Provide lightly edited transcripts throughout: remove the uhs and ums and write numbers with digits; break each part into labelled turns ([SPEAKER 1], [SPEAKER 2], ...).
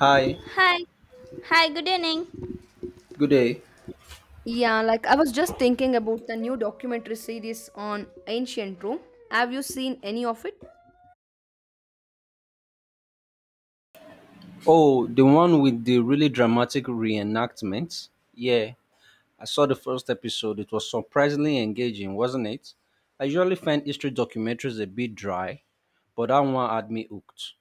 [SPEAKER 1] Hi,
[SPEAKER 2] Hi. Hi, good evening.
[SPEAKER 1] good day.
[SPEAKER 2] Yeah, like I was just thinking about the new documentary series on ancient Rome. Have you seen any of it?
[SPEAKER 1] Oh, the one with the really dramatic reenactment? Yeah, I saw the first episode. It was surprisingly engaging, wasn't it? I usually find history documentaries a bit dry, but that one had me hooked.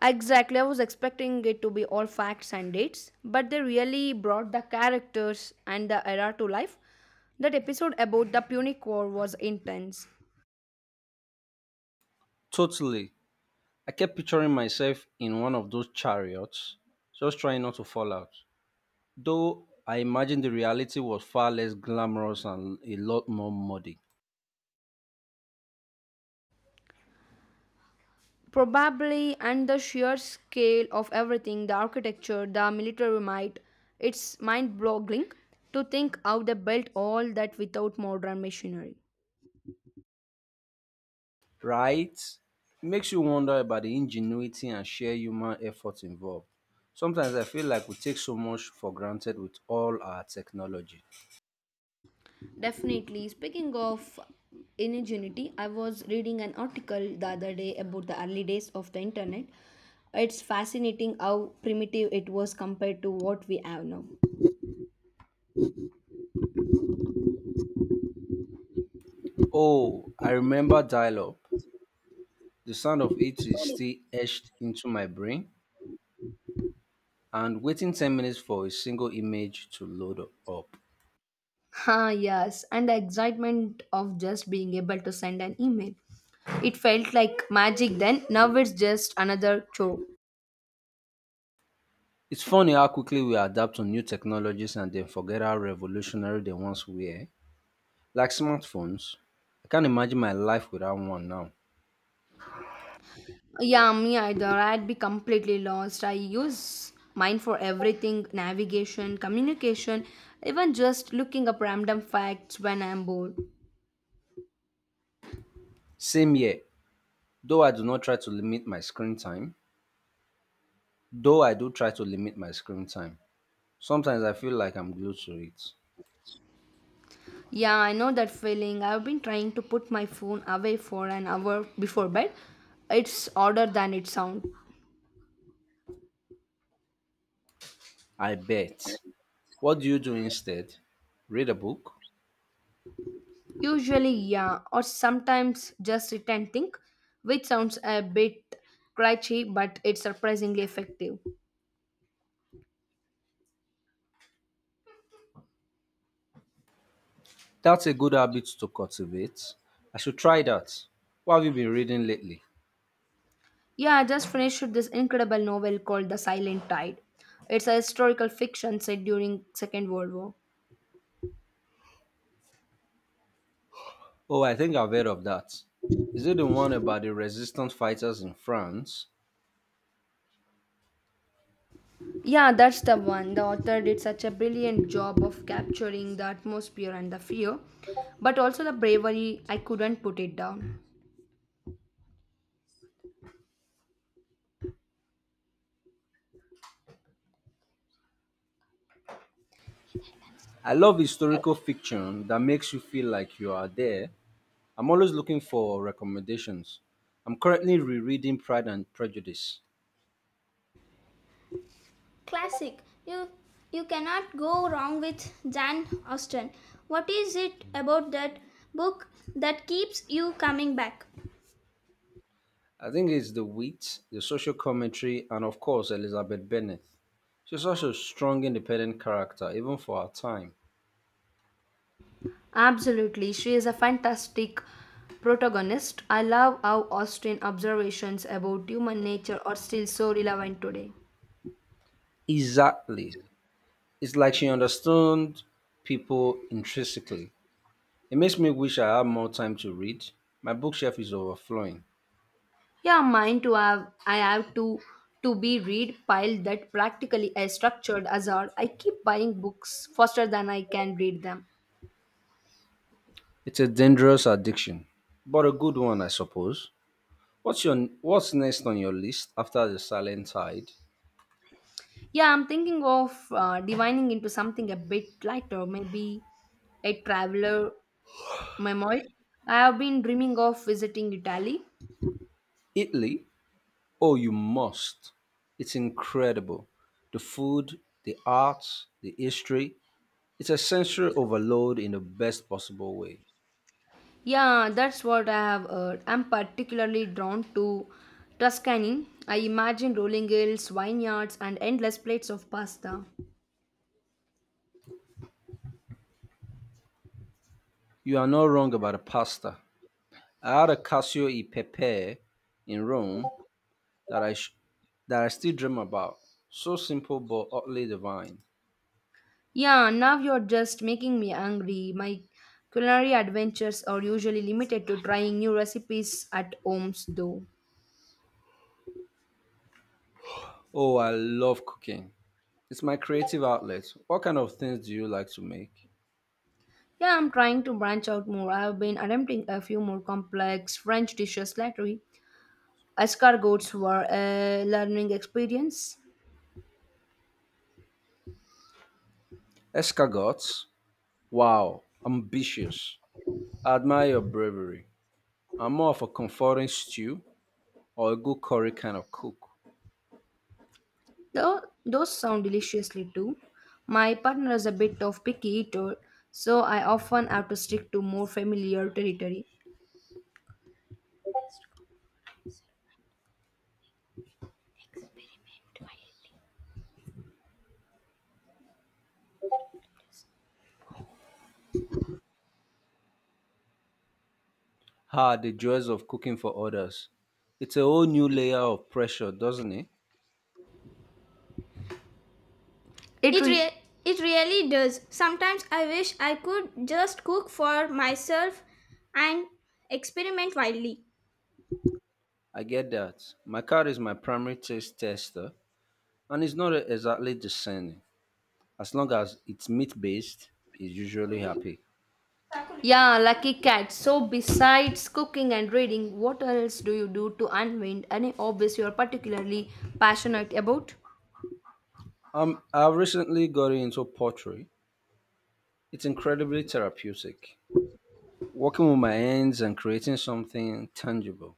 [SPEAKER 2] Exactly, I was expecting it to be all facts and dates, but they really brought the characters and the era to life. That episode about the Punic War was intense.
[SPEAKER 1] Totally. I kept picturing myself in one of those chariots, just trying not to fall out. Though I imagine the reality was far less glamorous and a lot more muddy.
[SPEAKER 2] Probably, and the sheer scale of everything, the architecture, the military might, it's mind boggling to think how they built all that without modern machinery.
[SPEAKER 1] Right? Makes you wonder about the ingenuity and sheer human effort involved. Sometimes I feel like we take so much for granted with all our technology.
[SPEAKER 2] Definitely. Speaking of ingenuity, I was reading an article the other day about the early days of the internet. It's fascinating how primitive it was compared to what we have now.
[SPEAKER 1] Oh, I remember dial up. The sound of it is still etched into my brain, and waiting 10 minutes for a single image to load up.
[SPEAKER 2] Ah, yes, and the excitement of just being able to send an email. It felt like magic then, now it's just another chore.
[SPEAKER 1] It's funny how quickly we adapt to new technologies and then forget how revolutionary they once were, like smartphones. I can't imagine my life without one now.
[SPEAKER 2] Yeah, me either. I'd be completely lost. I use mine for everything, navigation, communication, even just looking up random facts when I'm bored.
[SPEAKER 1] Same here. Though I do not try to limit my screen time, though I do try to limit my screen time, sometimes I feel like I'm glued to it.
[SPEAKER 2] Yeah, I know that feeling. I've been trying to put my phone away for an hour before bed. It's harder than it sounds.
[SPEAKER 1] I bet. What do you do instead? Read a book?
[SPEAKER 2] Usually, yeah, or sometimes just sit and think, which sounds a bit crunchy, but it's surprisingly effective.
[SPEAKER 1] That's a good habit to cultivate. I should try that. What have you been reading lately?
[SPEAKER 2] Yeah, I just finished this incredible novel called The Silent Tide. It's a historical fiction set during Second World War.
[SPEAKER 1] Oh, I think I've heard of that. Is it the one about the resistance fighters in France?
[SPEAKER 2] Yeah, that's the one. The author did such a brilliant job of capturing the atmosphere and the fear, but also the bravery. I couldn't put it down.
[SPEAKER 1] I love historical fiction that makes you feel like you are there. I'm always looking for recommendations. I'm currently rereading Pride and Prejudice.
[SPEAKER 2] Classic. You you cannot go wrong with Jane Austen. What is it about that book that keeps you coming back?
[SPEAKER 1] I think it's the wit, the social commentary, and of course, Elizabeth Bennet. She's such a strong, independent character, even for her time.
[SPEAKER 2] Absolutely. She is a fantastic protagonist. I love how Austen observations about human nature are still so relevant today.
[SPEAKER 1] Exactly. It's like she understood people intrinsically. It makes me wish I had more time to read. My bookshelf is overflowing.
[SPEAKER 2] Yeah, mine to have I have to be read pile that practically I structured hazard. I keep buying books faster than I can read them.
[SPEAKER 1] It's a dangerous addiction, but a good one, I suppose. What's next on your list after the Silent Tide?
[SPEAKER 2] Yeah, I'm thinking of divining into something a bit lighter, maybe a traveler memoir. I have been dreaming of visiting Italy.
[SPEAKER 1] Italy? Oh, you must. It's incredible. The food, the arts, the history. It's a sensory overload in the best possible way.
[SPEAKER 2] Yeah, that's what I have heard. I'm particularly drawn to Tuscany. I imagine rolling hills, vineyards, and endless plates of pasta.
[SPEAKER 1] You are not wrong about the pasta. I had a cassio e pepe in Rome that I sh- that I still dream about. So simple but utterly divine.
[SPEAKER 2] Yeah, now you're just making me hungry. My culinary adventures are usually limited to trying new recipes at homes, though.
[SPEAKER 1] Oh, I love cooking. It's my creative outlet. What kind of things do you like to make?
[SPEAKER 2] Yeah, I'm trying to branch out more. I've been attempting a few more complex French dishes lately. Escargots were a learning experience.
[SPEAKER 1] Escargots? Wow, ambitious. I admire your bravery. I'm more of a comforting stew or a good curry kind of cook.
[SPEAKER 2] Though those sound deliciously too. My partner is a bit of picky eater, so I often have to stick to more familiar territory.
[SPEAKER 1] Ah, the joys of cooking for others. It's a whole new layer of pressure, doesn't it?
[SPEAKER 2] It really does. Sometimes I wish I could just cook for myself and experiment wildly.
[SPEAKER 1] I get that. My cat is my primary taste tester, and it's not exactly discerning. As long as it's meat based, it's usually happy.
[SPEAKER 2] Yeah, lucky cat. So besides cooking and reading, what else do you do to unwind? Any hobbies you are particularly passionate about?
[SPEAKER 1] I've recently gotten into pottery. It's incredibly therapeutic. Working with my hands and creating something tangible.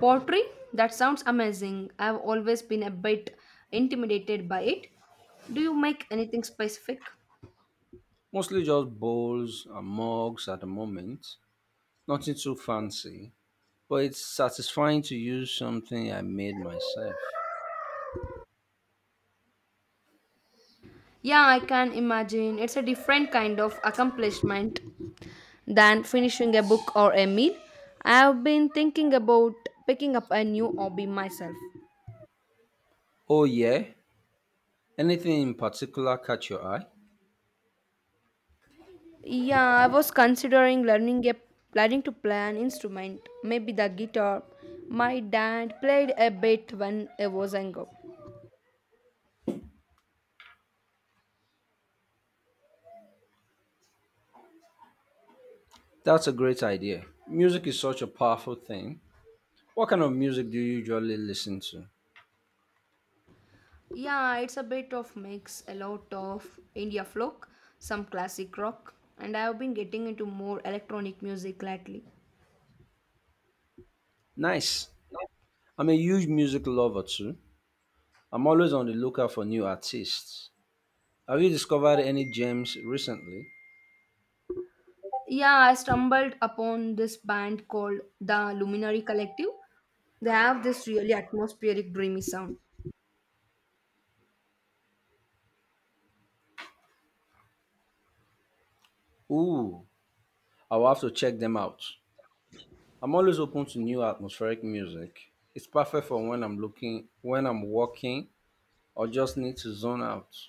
[SPEAKER 2] Pottery? That sounds amazing. I've always been a bit intimidated by it. Do you make anything specific?
[SPEAKER 1] Mostly just bowls and mugs at the moment, nothing too fancy, but it's satisfying to use something I made myself.
[SPEAKER 2] Yeah, I can imagine. It's a different kind of accomplishment than finishing a book or a meal. I've been thinking about picking up a new hobby myself.
[SPEAKER 1] Oh, yeah? Anything in particular catch your eye?
[SPEAKER 2] Yeah, I was considering learning to play an instrument, maybe the guitar. My dad played a bit when I was younger.
[SPEAKER 1] That's a great idea. Music is such a powerful thing. What kind of music do you usually listen to?
[SPEAKER 2] Yeah, it's a bit of mix, a lot of India folk, some classic rock, and I have been getting into more electronic music lately.
[SPEAKER 1] Nice. I'm a huge music lover too. I'm always on the lookout for new artists. Have you discovered any gems recently?
[SPEAKER 2] Yeah, I stumbled upon this band called the Luminary Collective. They have this really atmospheric, dreamy sound.
[SPEAKER 1] Ooh, I'll have to check them out. I'm always open to new atmospheric music. It's perfect for when I'm looking, when I'm walking, or just need to zone out.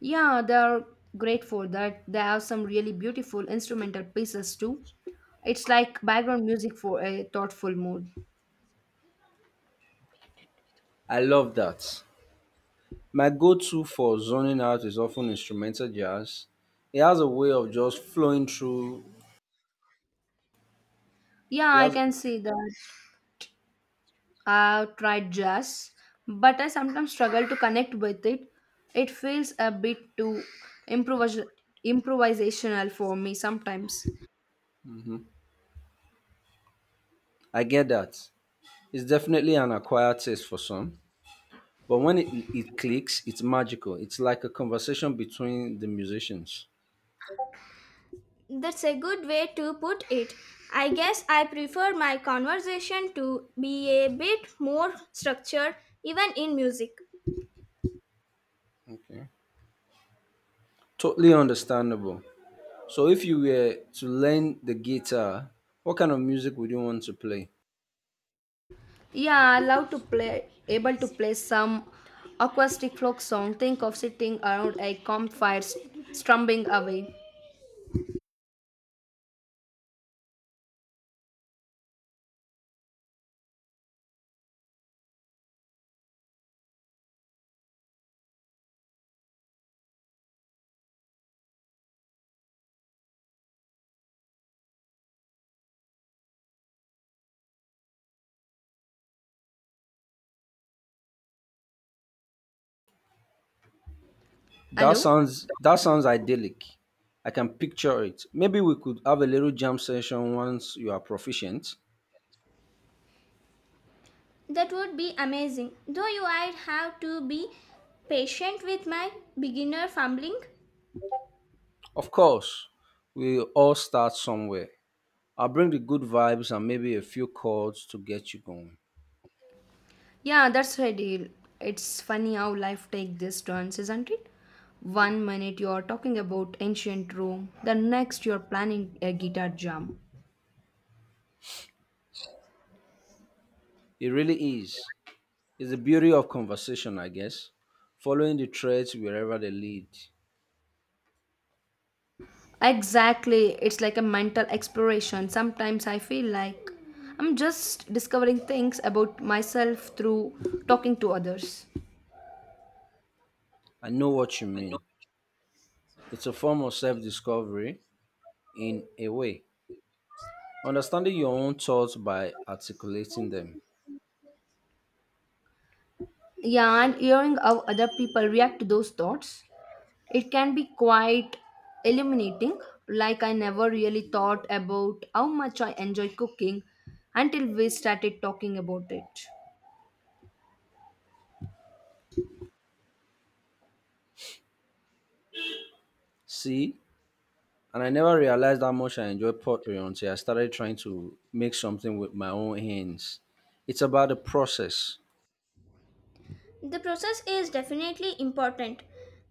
[SPEAKER 2] Yeah, they are great for that. They have some really beautiful instrumental pieces too. It's like background music for a thoughtful mood.
[SPEAKER 1] I love that. My go to for zoning out is often instrumental jazz. It has a way of just flowing through.
[SPEAKER 2] Yeah,
[SPEAKER 1] It
[SPEAKER 2] I
[SPEAKER 1] has,
[SPEAKER 2] can see that. I've tried jazz, but I sometimes struggle to connect with it. It feels a bit too improvis- improvisational for me sometimes.
[SPEAKER 1] I get that. It's definitely an acquired taste for some. But when it clicks, it's magical. It's like a conversation between the musicians.
[SPEAKER 2] That's a good way to put it. I guess I prefer my conversation to be a bit more structured, even in music.
[SPEAKER 1] Okay. Totally understandable. So, if you were to learn the guitar, what kind of music would you want to play?
[SPEAKER 2] Yeah, I love to play, able to play some acoustic folk song. Think of sitting around a campfire, strumming away. Hello?
[SPEAKER 1] That sounds idyllic. I can picture it. Maybe we could have a little jam session once you are proficient.
[SPEAKER 2] That would be amazing. Though you I'd have to be patient with my beginner fumbling.
[SPEAKER 1] Of course, we all start somewhere. I'll bring the good vibes and maybe a few chords to get you going.
[SPEAKER 2] Yeah, that's the deal. It's funny how life takes these turns, isn't it? One minute you're talking about ancient Rome, the next you're planning a guitar jam.
[SPEAKER 1] It really is. It's the beauty of conversation, I guess. Following the threads wherever they lead.
[SPEAKER 2] Exactly, it's like a mental exploration. Sometimes I feel like I'm just discovering things about myself through talking to others.
[SPEAKER 1] I know what you mean. It's a form of self discovery in a way. Understanding your own thoughts by articulating them.
[SPEAKER 2] Yeah, and hearing how other people react to those thoughts. It can be quite illuminating, like I never really thought about how much I enjoy cooking until we started talking about it.
[SPEAKER 1] See, and I never realized how much I enjoy pottery until I started trying to make something with my own hands. It's about the process,
[SPEAKER 2] The process is definitely important.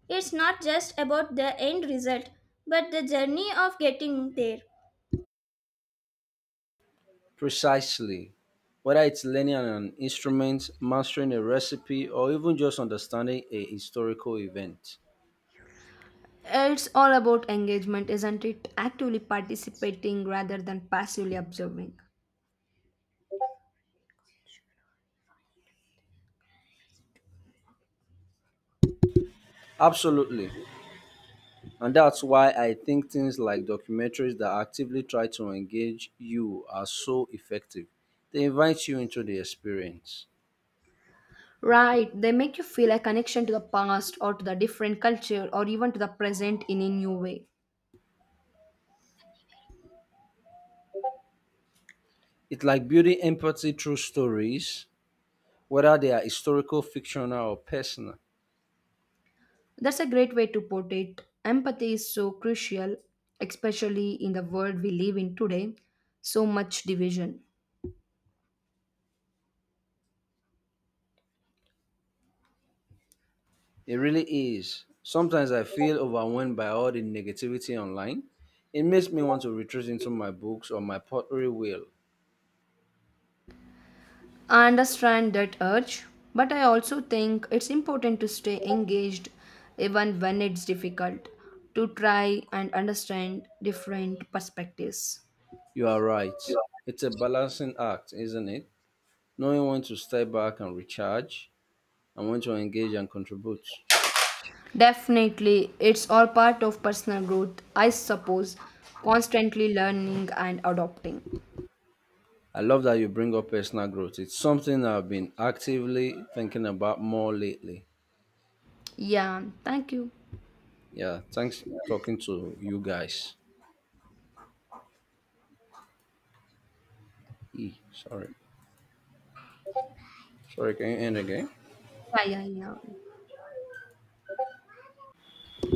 [SPEAKER 2] It's not just about the end result, but the journey of getting there.
[SPEAKER 1] precisely. Whether it's learning an instrument, mastering a recipe, or even just understanding a historical event.
[SPEAKER 2] It's all about engagement, isn't it? Actively participating rather than passively observing.
[SPEAKER 1] Absolutely. And that's why I think things like documentaries that actively try to engage you are so effective. They invite you into the experience.
[SPEAKER 2] Right, they make you feel a connection to the past or to the different culture or even to the present in a new way.
[SPEAKER 1] It's like building empathy through stories, whether they are historical, fictional, or personal.
[SPEAKER 2] That's a great way to put it. Empathy is so crucial, especially in the world we live in today. So much division.
[SPEAKER 1] It really is. Sometimes I feel overwhelmed by all the negativity online. It makes me want to retreat into my books or my pottery wheel.
[SPEAKER 2] I understand that urge, but I also think it's important to stay engaged even when it's difficult, to try and understand different perspectives.
[SPEAKER 1] You are right. It's a balancing act, isn't it? Knowing when to step back and recharge and when to engage and contribute.
[SPEAKER 2] Definitely, it's all part of personal growth, I suppose, constantly learning and adopting.
[SPEAKER 1] I love that you bring up personal growth. It's something I've been actively thinking about more lately.
[SPEAKER 2] Yeah, thank you.
[SPEAKER 1] Yeah, thanks talking to you guys. Sorry. Sorry, can you end again?
[SPEAKER 2] Yeah, yeah, yeah.